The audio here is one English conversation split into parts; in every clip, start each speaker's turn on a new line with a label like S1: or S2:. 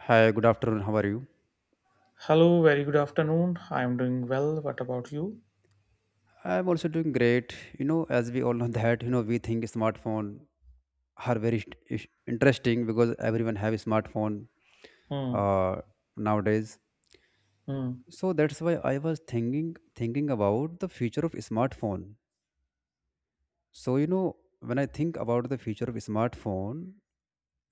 S1: Hi, good afternoon. How are you?
S2: Hello, very good afternoon. I'm doing well. What about you?
S1: I'm also doing great. You know, as we all know that, you know, we think smartphone are very interesting because everyone have a smartphone
S2: Hmm,
S1: uh, nowadays.
S2: hmm,
S1: So that's why I was thinking about the future of smartphone. So you know, when I think about the future of smartphone,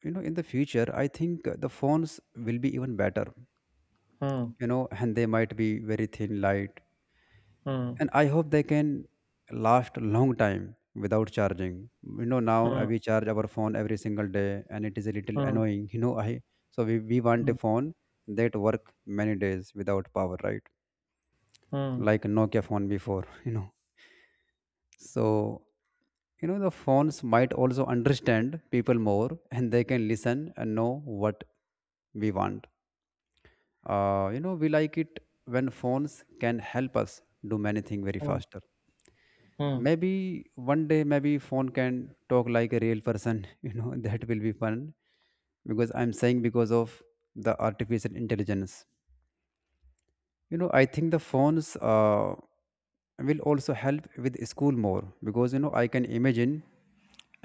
S1: you know, in the future, I think the phones will be even better.
S2: hmm,
S1: You know, and they might be very thin light,
S2: hmm,
S1: and I hope they can last a long time without charging. You know, now
S2: hmm,
S1: we charge our phone every single day and it is a little
S2: hmm,
S1: annoying. you know I So we want
S2: hmm,
S1: a phone that work many days without power, right?
S2: hmm,
S1: Like Nokia phone before. You know, so you know the phones might also understand people more and they can listen and know what we want. You know, we like it when phones can help us do many things very
S2: hmm,
S1: faster.
S2: hmm.
S1: Maybe one day maybe phone can talk like a real person. You know, that will be fun. Because I'm saying, because of the artificial intelligence, you know, I think the phones will also help with school more. Because you know I can imagine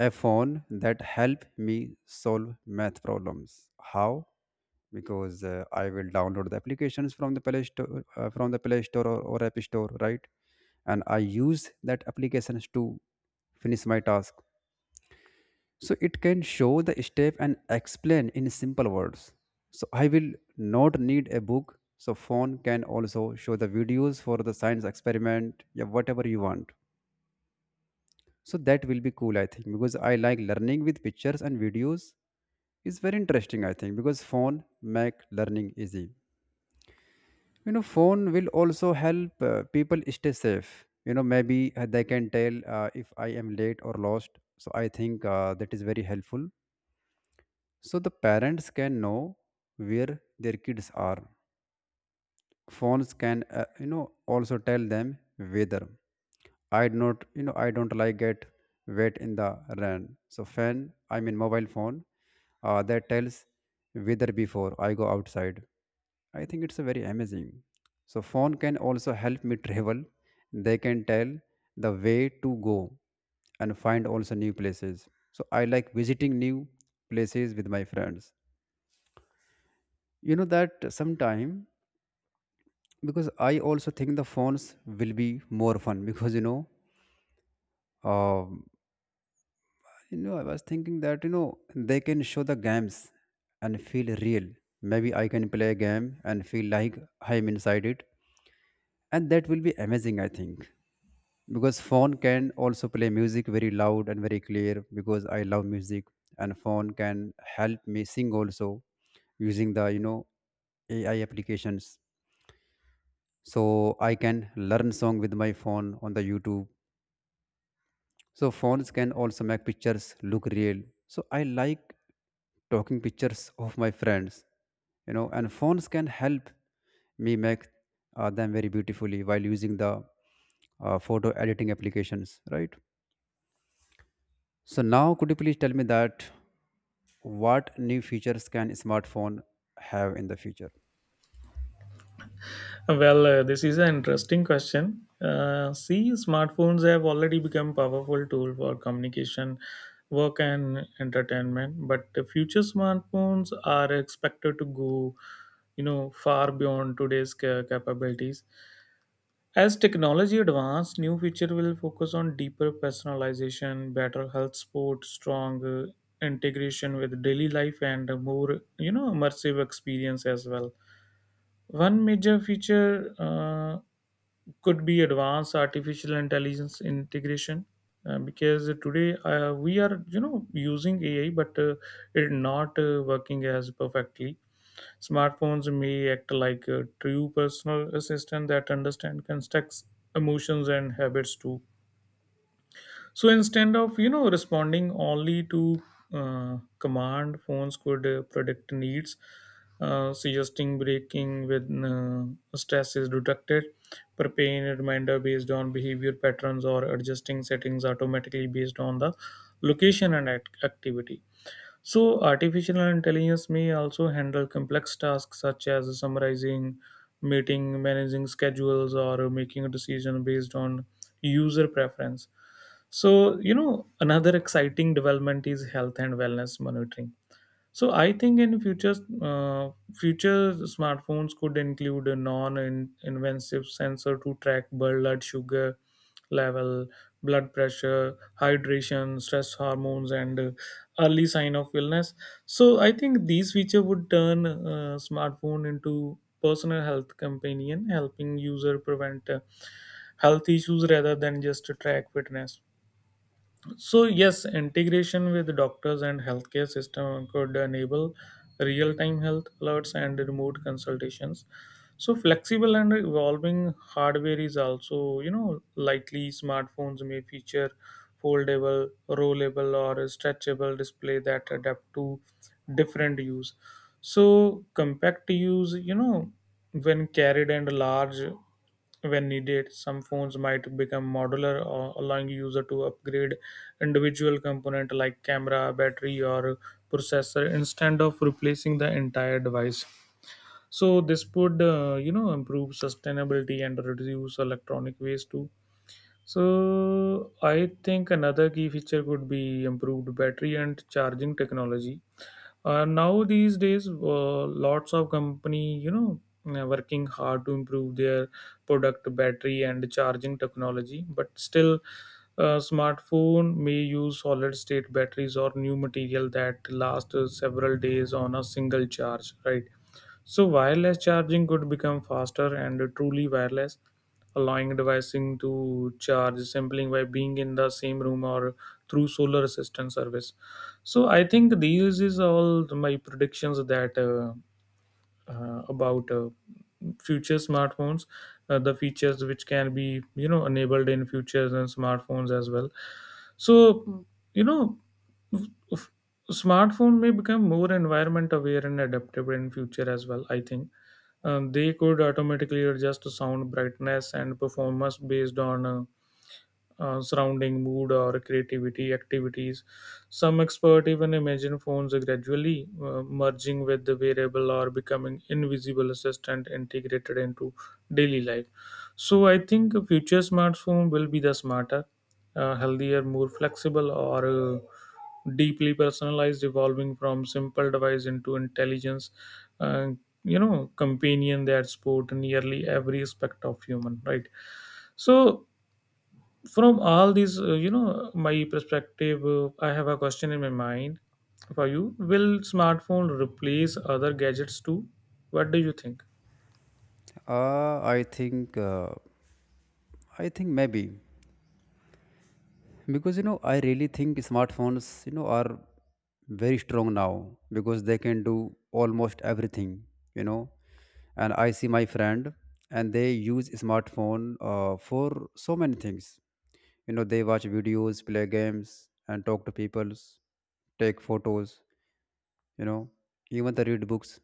S1: a phone that help me solve math problems. How? Because I will download the applications from the play store, or app store, right? And I use that applications to finish my task. So it can show the step and explain in simple words. So I will not need a book. So phone can also show the videos for the science experiment, yeah, whatever you want. So that will be cool, I think, because I like learning with pictures and videos. It's very interesting, I think, because phone make learning easy. You know, phone will also help people stay safe. You know, maybe they can tell if I am late or lost. So I think that is very helpful, so the parents can know where their kids are. Phones can, you know, also tell them whether — I do not, you know, I don't like get wet in the rain, so fan I mean mobile phone that tells weather before I go outside. I think it's a very amazing. So phone can also help me travel. They can tell the way to go and find also new places. So I like visiting new places with my friends, you know, that sometime because I also think the phones will be more fun because you know, um, you know, I was thinking that, you know, they can show the games and feel real. Maybe I can play a game and feel like I'm inside it, and that will be amazing, I think. Because phone can also play music very loud and very clear, because I love music. And phone can help me sing also using the, you know, AI applications. So I can learn song with my phone on the YouTube. So phones can also make pictures look real. So I like talking pictures of my friends, you know, and phones can help me make them very beautifully while using the photo editing applications, right? So now could you please tell me that, what new features can smartphone have in the future?
S2: Well, this is an interesting question. See, smartphones have already become powerful tool for communication, work, and entertainment. But the future smartphones are expected to go, you know, far beyond today's capabilities. As technology advances, new feature will focus on deeper personalization, better health support, strong integration with daily life, and a more you know immersive experience as well. One major feature could be advanced artificial intelligence integration. Because today we are you know using ai but it not working as perfectly. Smartphones may act like a true personal assistant that understand contexts, emotions, and habits too. So instead of you know responding only to command, phones could predict needs, suggesting breaking when stress is detected, preparing a reminder based on behavior patterns, or adjusting settings automatically based on the location and activity. So, artificial intelligence may also handle complex tasks such as summarizing, meeting, managing schedules, or making a decision based on user preference. So, you know, another exciting development is health and wellness monitoring, so I think in future, uh, future smartphones could include a non-invasive sensor to track blood sugar level, blood pressure, hydration, stress hormones, and early sign of illness. So I think these feature would turn smartphone into personal health companion, helping user prevent health issues rather than just track fitness. So yes, integration with doctors and healthcare system could enable real-time health alerts and remote consultations. So flexible and evolving hardware is also, you know, likely smartphones may feature foldable, rollable or stretchable display that adapt to different use. So compact use, you know, when carried and large when needed, some phones might become modular or allowing user to upgrade individual component like camera, battery or processor instead of replacing the entire device. So this would you know improve sustainability and reduce electronic waste too. So I think another key feature could be improved battery and charging technology. Now these days lots of company you know working hard to improve their product battery and charging technology, but still smartphone may use solid state batteries or new material that last several days on a single charge, right? So wireless charging could become faster and truly wireless, allowing devices to charge simply by being in the same room or through solar assistance service. So, I think these is all my predictions that about future smartphones, the features which can be you know enabled in futures and smartphones as well. So, you know. f- Smartphone may become more environment aware and adaptable in future as well. I think they could automatically adjust to sound brightness and performance based on surrounding mood or creativity activities. Some expert even imagine phones gradually merging with the wearable or becoming invisible assistant integrated into daily life. So I think a future smartphone will be the smarter, healthier, more flexible, or deeply personalized, evolving from simple device into intelligence. Uh, you know companion that support nearly every aspect of human, right? So from all these you know my perspective, I have a question in my mind for you. Will smartphone replace other gadgets too? What do you think?
S1: uh, i think uh, I think maybe, because you know I really think smartphones, you know, are very strong now because they can do almost everything, you know. And I see my friend and they use smartphone for so many things, you know. They watch videos, play games and talk to peoples, take photos, you know, even they read books.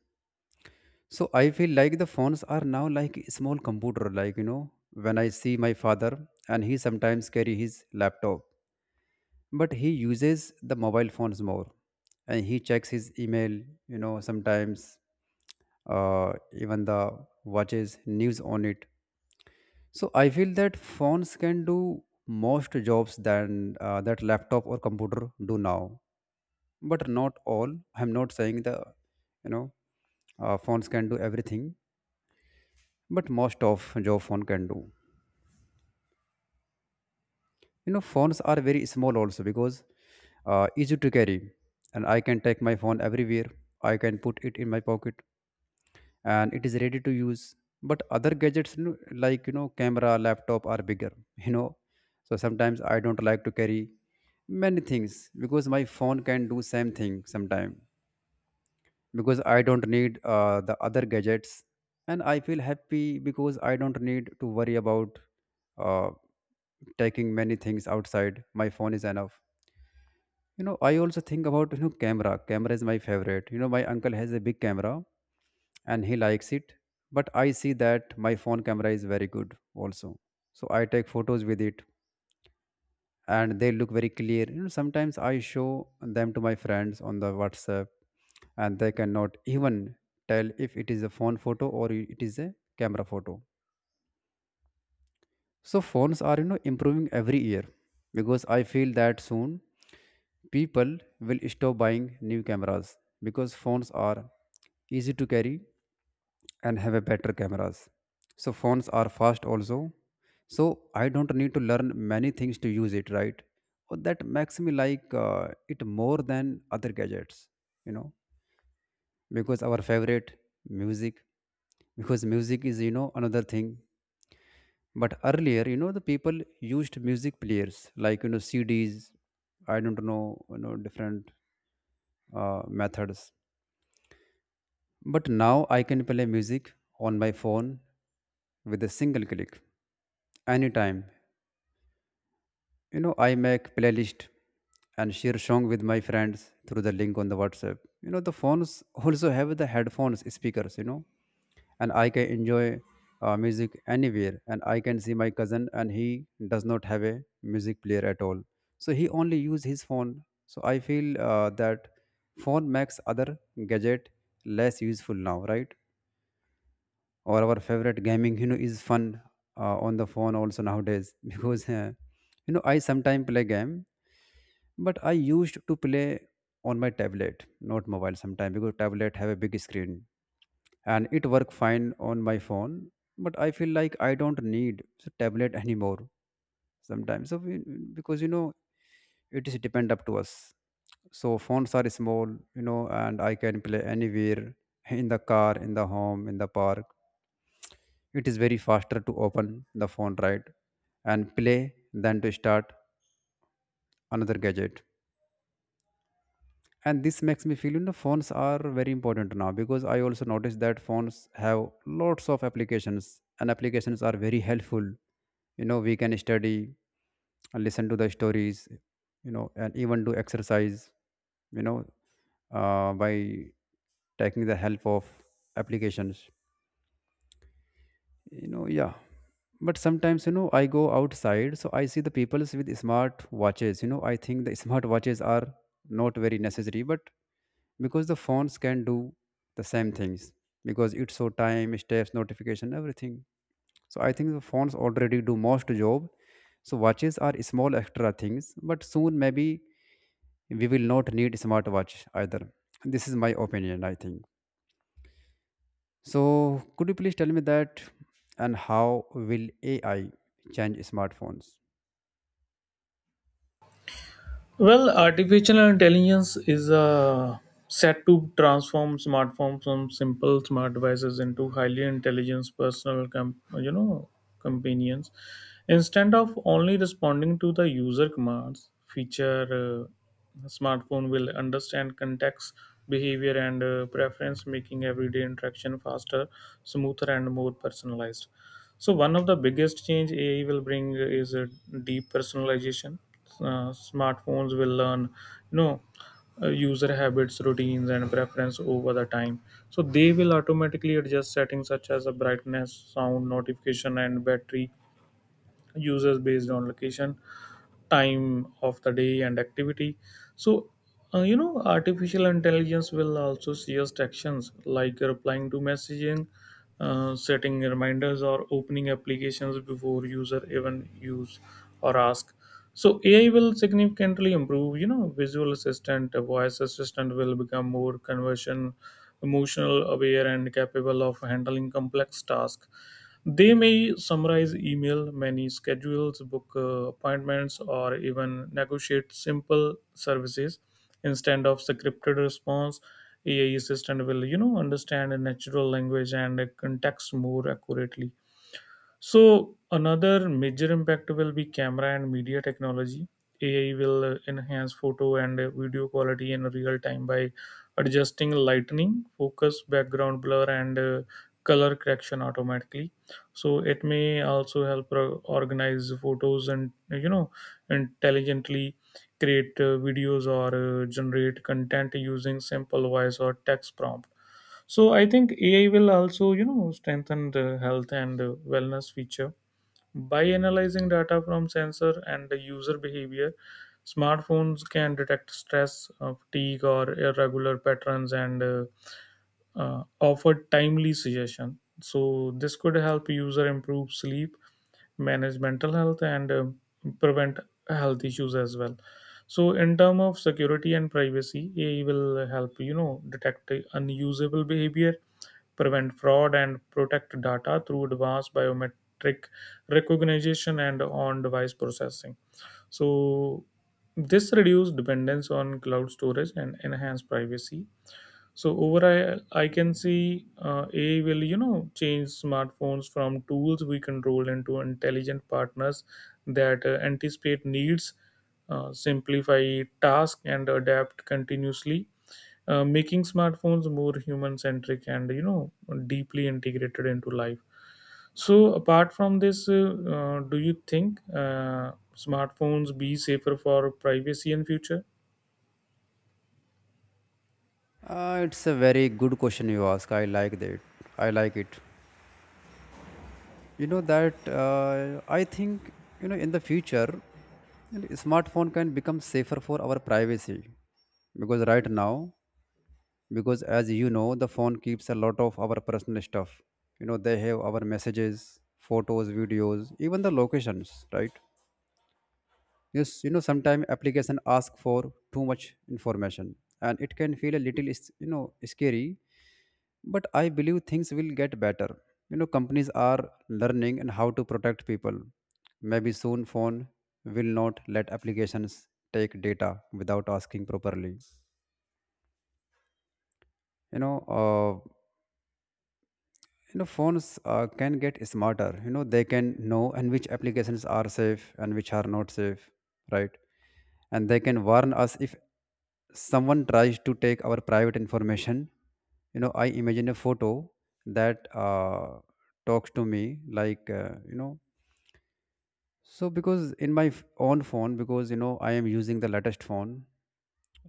S1: So I feel like the phones are now like a small computer, like, you know, when I see my father and he sometimes carry his laptop, but he uses the mobile phones more. And he checks his email, you know, sometimes. Even the watches news on it. So I feel that phones can do most jobs than that laptop or computer do now. But not all. I'm not saying the, you know, phones can do everything, but most of job phone can do. You know, phones are very small also because easy to carry. And I can take my phone everywhere. I can put it in my pocket and it is ready to use. But other gadgets, you know, like, you know, camera, laptop are bigger. You know, so sometimes I don't like to carry many things because my phone can do same thing sometime. Because I don't need the other gadgets. And I feel happy because I don't need to worry about uh, taking many things outside. My phone is enough. You know, I also think about, you know, camera. Is my favorite. You know, my uncle has a big camera and he likes it. But I see that my phone camera is very good also. So I take photos with it and they look very clear. You know, sometimes I show them to my friends on the WhatsApp, and they cannot even tell if it is a phone photo or it is a camera photo. So phones are, you know, improving every year because I feel that soon people will stop buying new cameras, because phones are easy to carry and have a better cameras. So phones are fast also. So I don't need to learn many things to use it, right? Or that makes me like it more than other gadgets, you know. Because our favorite music, because music is, you know, another thing. But earlier, you know, the people used music players like, you know, CDs. I don't know, you know, different methods. But now I can play music on my phone with a single click, anytime. You know, I make playlist and share song with my friends through the link on the WhatsApp. You know, the phones also have the headphones speakers, you know, and I can enjoy music anywhere. And I can see my cousin and he does not have a music player at all, so he only use his phone. So I feel that phone makes other gadget less useful now, right? Or our favorite gaming, you know, is fun on the phone also nowadays. Because you know, I sometimes play game, but I used to play on my tablet, not mobile sometime, because tablet have a big screen. And it work fine on my phone, but I feel like I don't need tablet anymore sometimes. Because you know it is depend up to us. So phones are small, you know, and I can play anywhere, in the car, in the home, in the park. It is very faster to open the phone, right, and play than to start another gadget. And this makes me feel, you know, phones are very important now. Because I also noticed that phones have lots of applications, and applications are very helpful. You know, we can study, listen to the stories, you know, and even do exercise, you know, by taking the help of applications, you know. Yeah, but sometimes, you know, I go outside, so I see the peoples with smart watches. You know, I think the smart watches are not very necessary but, because the phones can do the same things, because it's so time steps notification everything. So I think the phones already do most job. So watches are small extra things, but soon maybe we will not need smartwatch either. This is my opinion, I think. So could you please tell me that, and how will AI change smartphones?
S2: Well, artificial intelligence is set to transform smartphones from simple smart devices into highly intelligent personal, you know, companions. Instead of only responding to the user commands, feature smartphone will understand context, behavior, and preference, making everyday interaction faster, smoother, and more personalized. So one of the biggest change AI will bring is a deep personalization. Smartphones will learn, you know, user habits, routines, and preference over the time. So they will automatically adjust settings such as a brightness, sound, notification, and battery users based on location, time of the day and activity. So you know artificial intelligence will also suggest actions like replying to messaging, setting reminders or opening applications before user even use or ask. So ai will significantly improve you know visual assistant. A voice assistant will become more conversion, emotional aware and capable of handling complex tasks. They may summarize email, many schedules, book appointments, or even negotiate simple services instead of scripted response. AI assistant will, you know, understand a natural language and a context more accurately. So another major impact will be camera and media technology. AI will enhance photo and video quality in real time by adjusting lightning, focus, background blur, and color correction automatically. So it may also help organize photos and you know intelligently create videos or generate content using simple voice or text prompts. So I think AI will also, you know, strengthen the health and wellness feature by analyzing data from sensor and the user behavior. Smartphones can detect stress, fatigue, or irregular patterns, and offer timely suggestion. So this could help user improve sleep, manage mental health and prevent health issues as well. So in term of security and privacy, ai will help you know detect unusable behavior, prevent fraud and protect data through advanced biometric recognition and on device processing. So this reduce dependence on cloud storage and enhance privacy. So overall, I can see AI will, you know, change smartphones from tools we control into intelligent partners that anticipate needs, simplify tasks, and adapt continuously, making smartphones more human-centric and, you know, deeply integrated into life. So apart from this, do you think smartphones be safer for privacy in future?
S1: It's a very good question you ask. I like that. I like it. You know that, I think, you know, in the future, you know, smartphone can become safer for our privacy, because right now, because as you know the phone keeps a lot of our personal stuff. You know, they have our messages, photos, videos, even the locations, right? Yes, you know, sometimes application ask for too much information, and it can feel a little, you know, scary. But I believe things will get better. You know, companies are learning and how to protect people. Maybe soon phone will not let applications take data without asking properly. You know, uh, you know, phones can get smarter. You know, they can know and which applications are safe and which are not safe, right? And they can warn us if someone tries to take our private information. I imagine a photo that talks to me like so because in my own phone, because I am using the latest phone.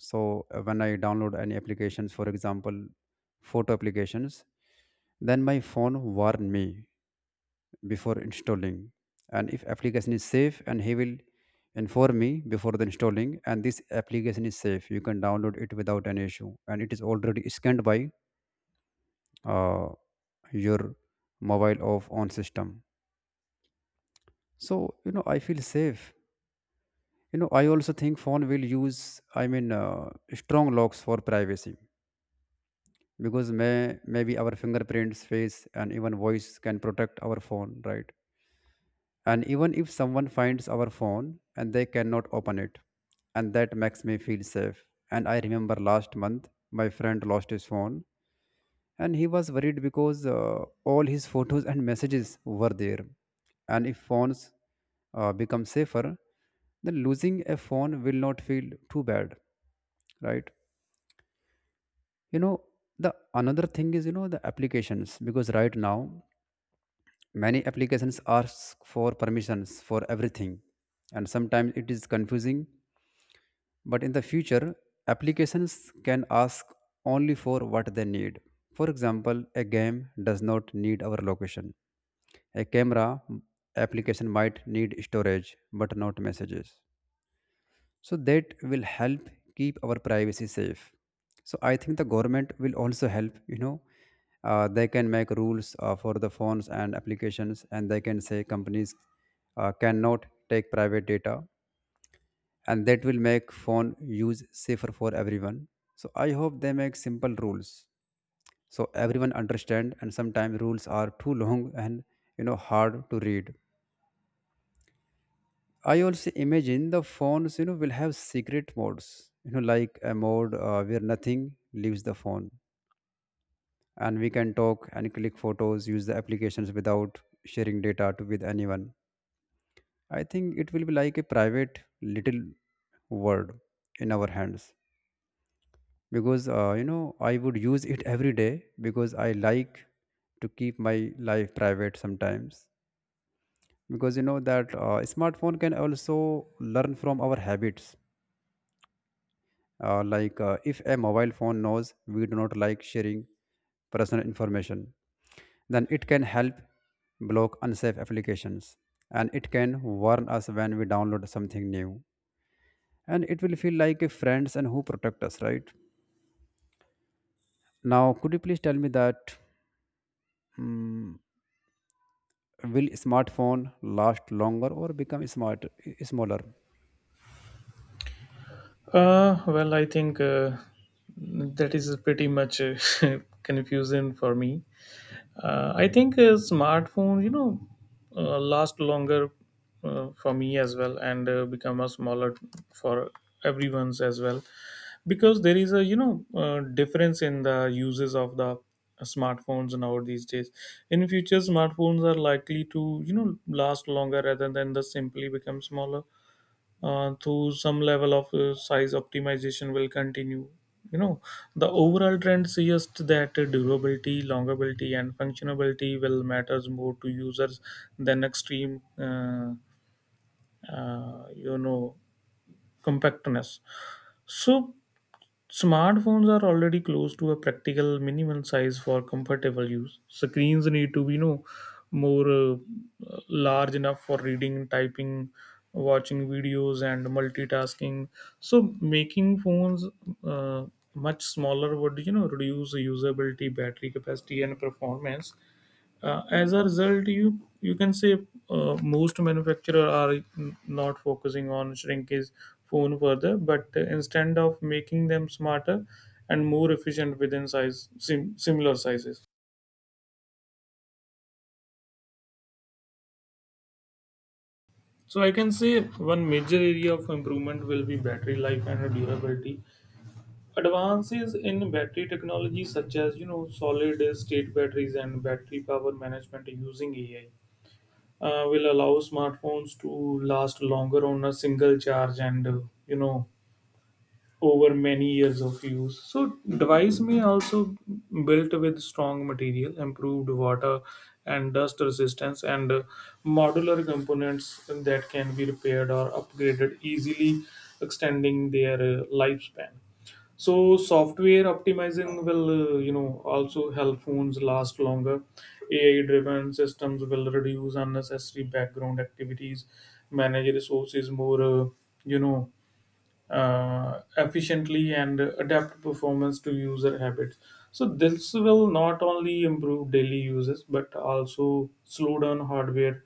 S1: So when I download any applications, for example photo applications, then my phone warn me before installing. And if application is safe, and he will inform me before the installing, and this application is safe, you can download it without any issue, and it is already scanned by uh, your mobile off on system. So I feel safe. I also think phone will use, strong locks for privacy, because maybe our fingerprints, face, and even voice can protect our phone, right? And even if someone finds our phone, and they cannot open it, and that makes me feel safe. And I remember last month my friend lost his phone, and he was worried because all his photos and messages were there. And if phones become safer, then losing a phone will not feel too bad, right? you know the another thing is, the applications, because right now many applications ask for permissions for everything, and sometimes it is confusing. But in the future, applications can ask only for what they need. For example, a game does not need our location. A camera application might need storage but not messages. So that will help keep our privacy safe. So I think the government will also help, they can make rules for the phones and applications, and they can say companies cannot take private data, and that will make phone use safer for everyone. So I hope they make simple rules so everyone understand. And sometimes rules are too long and, hard to read. I also imagine the phones, will have secret modes, like a mode where nothing leaves the phone, and we can talk and click photos, use the applications without sharing data to, with anyone. I think it will be like a private little world in our hands, because I would use it every day because I like to keep my life private sometimes, because that smartphone can also learn from our habits. Like if a mobile phone knows we do not like sharing personal information, then it can help block unsafe applications, and it can warn us when we download something new. And it will feel like a friends and who protect us, right? Now, could you please tell me that, mm will smartphone last longer or become smart smaller?
S2: Well, I think. That is pretty much confusing for me. I think smartphone, you know, last longer for me as well, and become a smaller for everyone's as well, because there is a you know difference in the uses of the smartphones now these days. In future, smartphones are likely to you know last longer rather than the simply become smaller, through some level of size optimization will continue. You know, the overall trend suggests that durability, longevity, and functionality will matters more to users than extreme, you know, compactness. So smartphones are already close to a practical minimal size for comfortable use. Screens need to be, you know, more large enough for reading, typing, watching videos, and multitasking. So making phones uh, much smaller would, you know, reduce usability, battery capacity, and performance. As a result, you can say most manufacturer are not focusing on shrinkage phone further but instead of making them smarter and more efficient within size similar sizes. So I can say one major area of improvement will be battery life and durability. Advances in battery technology such as you know solid state batteries and battery power management using ai will allow smartphones to last longer on a single charge and you know over many years of use. So device may also built with strong material, improved water and dust resistance, and modular components that can be repaired or upgraded easily, extending their lifespan. So software optimizing will you know also help phones last longer. AI-driven systems will reduce unnecessary background activities, manage resources more you know efficiently and adapt performance to user habits. So this will not only improve daily uses but also slow down hardware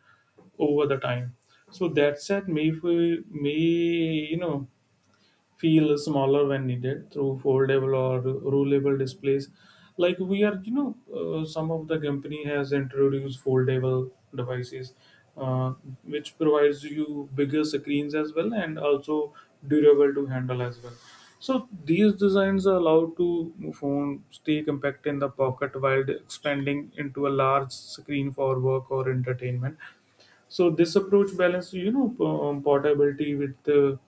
S2: over the time. So that said, may if we may you know feel smaller when needed through foldable or rollable displays like we are you know some of the company has introduced foldable devices, uh, which provides you bigger screens as well and also durable to handle as well. So these designs are allowed to phone stay compact in the pocket while expanding into a large screen for work or entertainment. So this approach balances, you know, portability with the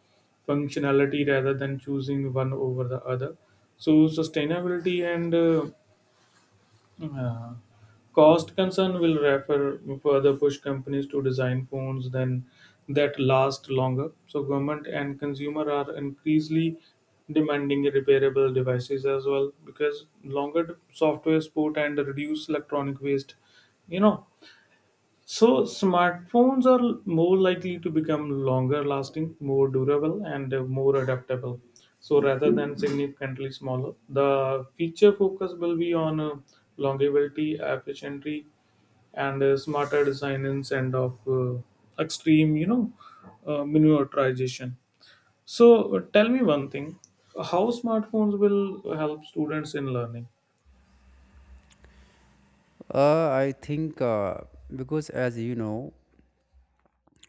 S2: functionality rather than choosing one over the other. So sustainability and uh, cost concern will refer further push companies to design phones then that last longer. So government and consumer are increasingly demanding repairable devices as well because longer software support and reduced electronic waste, you know. So smartphones are more likely to become longer lasting, more durable, and more adaptable. So, rather than significantly smaller, the feature focus will be on longevity, efficiency, and smarter design instead of extreme, you know, miniaturization. So, tell me one thing, how smartphones will help students in learning?
S1: I think, because as you know,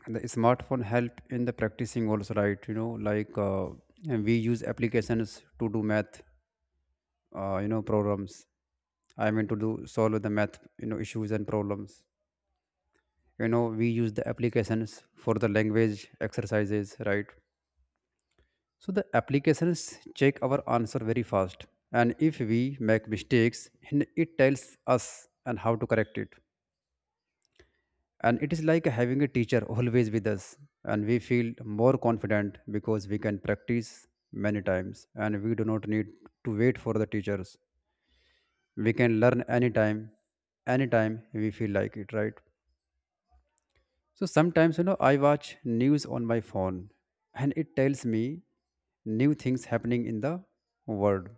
S1: And the smartphone help in the practicing also, right? And we use applications to do math problems. To do solve the math, issues and problems. We use the applications for the language exercises, right? So the applications check our answer very fast, and if we make mistakes, and it tells us and how to correct it. And it is like having a teacher always with us, and we feel more confident because we can practice many times and we do not need to wait for the teachers. We can learn anytime, anytime we feel like it, right? So sometimes, I watch news on my phone, and it tells me new things happening in the world.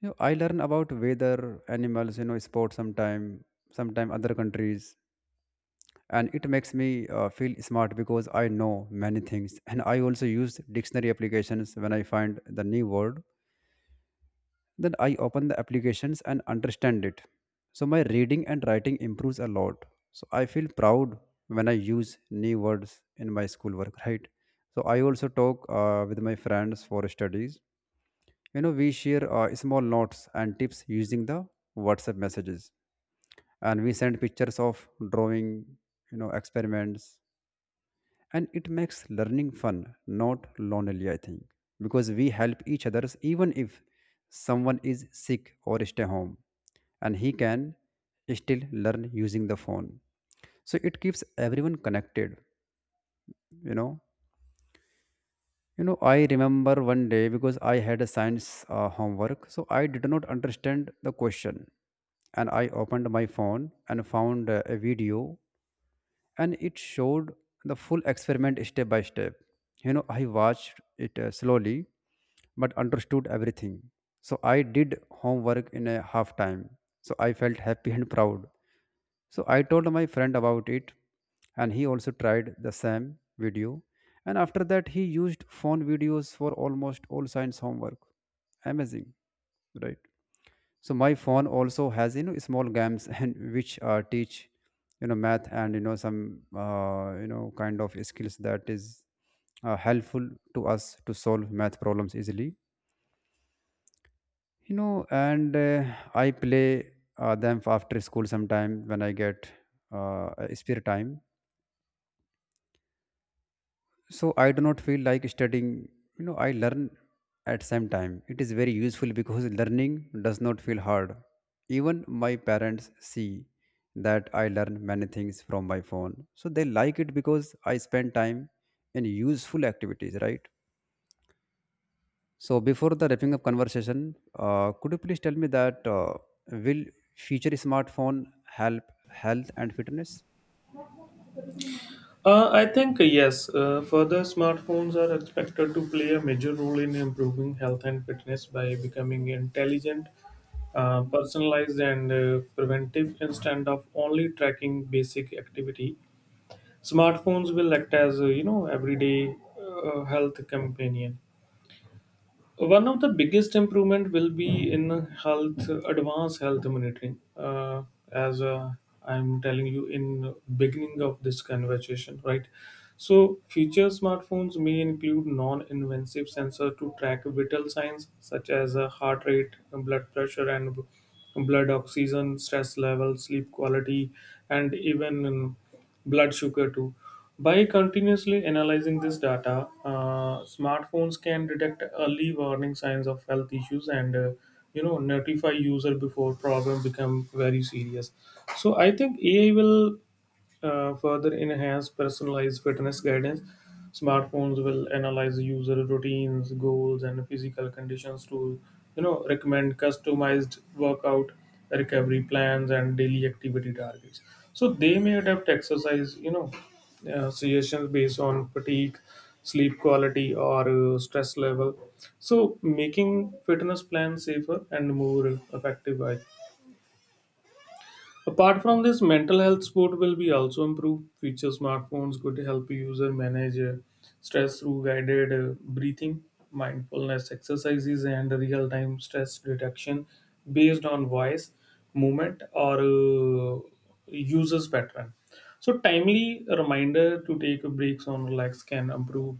S1: I learn about weather, animals, sports, sometime sometime other countries. And it makes me feel smart because I know many things. And I also use dictionary applications when I find the new word, then I open the applications and understand it. So my reading and writing improves a lot. So I feel proud when I use new words in my schoolwork, right? So I also talk with my friends for studies. We share small notes and tips using the WhatsApp messages. And we send pictures of drawing, experiments. And it makes learning fun, not lonely, I think, because we help each other. Even if someone is sick or stay home, and he can still learn using the phone. So it keeps everyone connected, you know. You know, I remember one day because I had a science homework, so I did not understand the question, and I opened my phone and found a video, and it showed the full experiment step by step. I watched it slowly but understood everything. So I did homework in a half time. So I felt happy and proud. So I told my friend about it, and he also tried the same video, and after that he used phone videos for almost all science homework. Amazing, right? So my phone also has, small games and which teach math and some kind of skills that is helpful to us to solve math problems easily. You know and I play them after school sometime when I get a spare time. So I do not feel like studying. I learn at same time. It is very useful because learning does not feel hard. Even my parents see that I learn many things from my phone, so they like it because I spend time in useful activities, right? So before the wrapping up conversation, could you please tell me that, will future smartphone help health and fitness?
S2: I think yes. Further, smartphones are expected to play a major role in improving health and fitness by becoming intelligent, personalized, and preventive instead of only tracking basic activity. Smartphones will act as you know everyday health companion. One of the biggest improvement will be in health advanced health monitoring, as I'm telling you in beginning of this conversation, right? So future smartphones may include non-invasive sensor to track vital signs such as heart rate, blood pressure and blood oxygen, stress level, sleep quality, and even blood sugar too. By continuously analyzing this data, smartphones can detect early warning signs of health issues and you know notify user before problem become very serious. So I think AI will further enhance personalized fitness guidance. Smartphones will analyze user routines, goals, and physical conditions to, you know, recommend customized workout recovery plans and daily activity targets. So they may adapt exercise, you know, suggestions based on fatigue, sleep quality, or stress level. So making fitness plans safer and more effective. I apart from this, mental health support will be also improved. Future smartphones could help user manage stress through guided breathing, mindfulness exercises, and real-time stress detection based on voice, movement, or users pattern. So, timely reminder to take breaks on relax can improve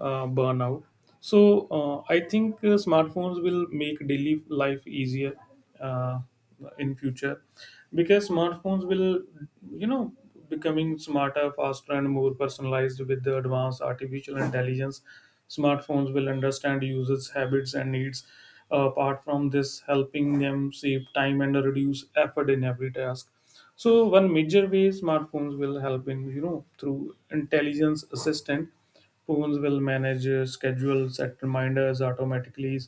S2: burnout. So, I think smartphones will make daily life easier uh, in future because smartphones will, you know, becoming smarter, faster, and more personalized with the advanced artificial intelligence. Smartphones will understand users' habits and needs. Apart from this, helping them save time and reduce effort in every task. So one major way smartphones will help in you know through intelligence assistant, phones will manage schedule, set reminders automatically,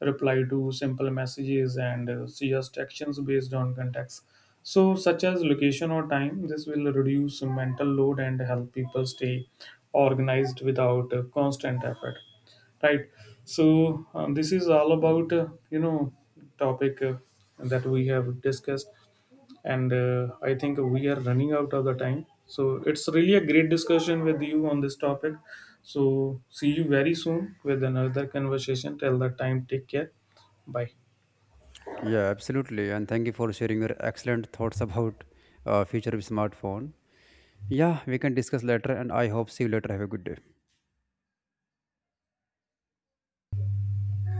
S2: reply to simple messages, and suggest actions based on context. So such as location or time, this will reduce mental load and help people stay organized without constant effort, right? So this is all about you know topic that we have discussed, and I think we are running out of the time, so it's really a great discussion with you on this topic. So see you very soon with another conversation. Till that time, take care. Bye.
S1: Yeah, absolutely, and thank you for sharing your excellent thoughts about future of smartphone. Yeah, we can discuss later, and I hope see you later. Have a good day.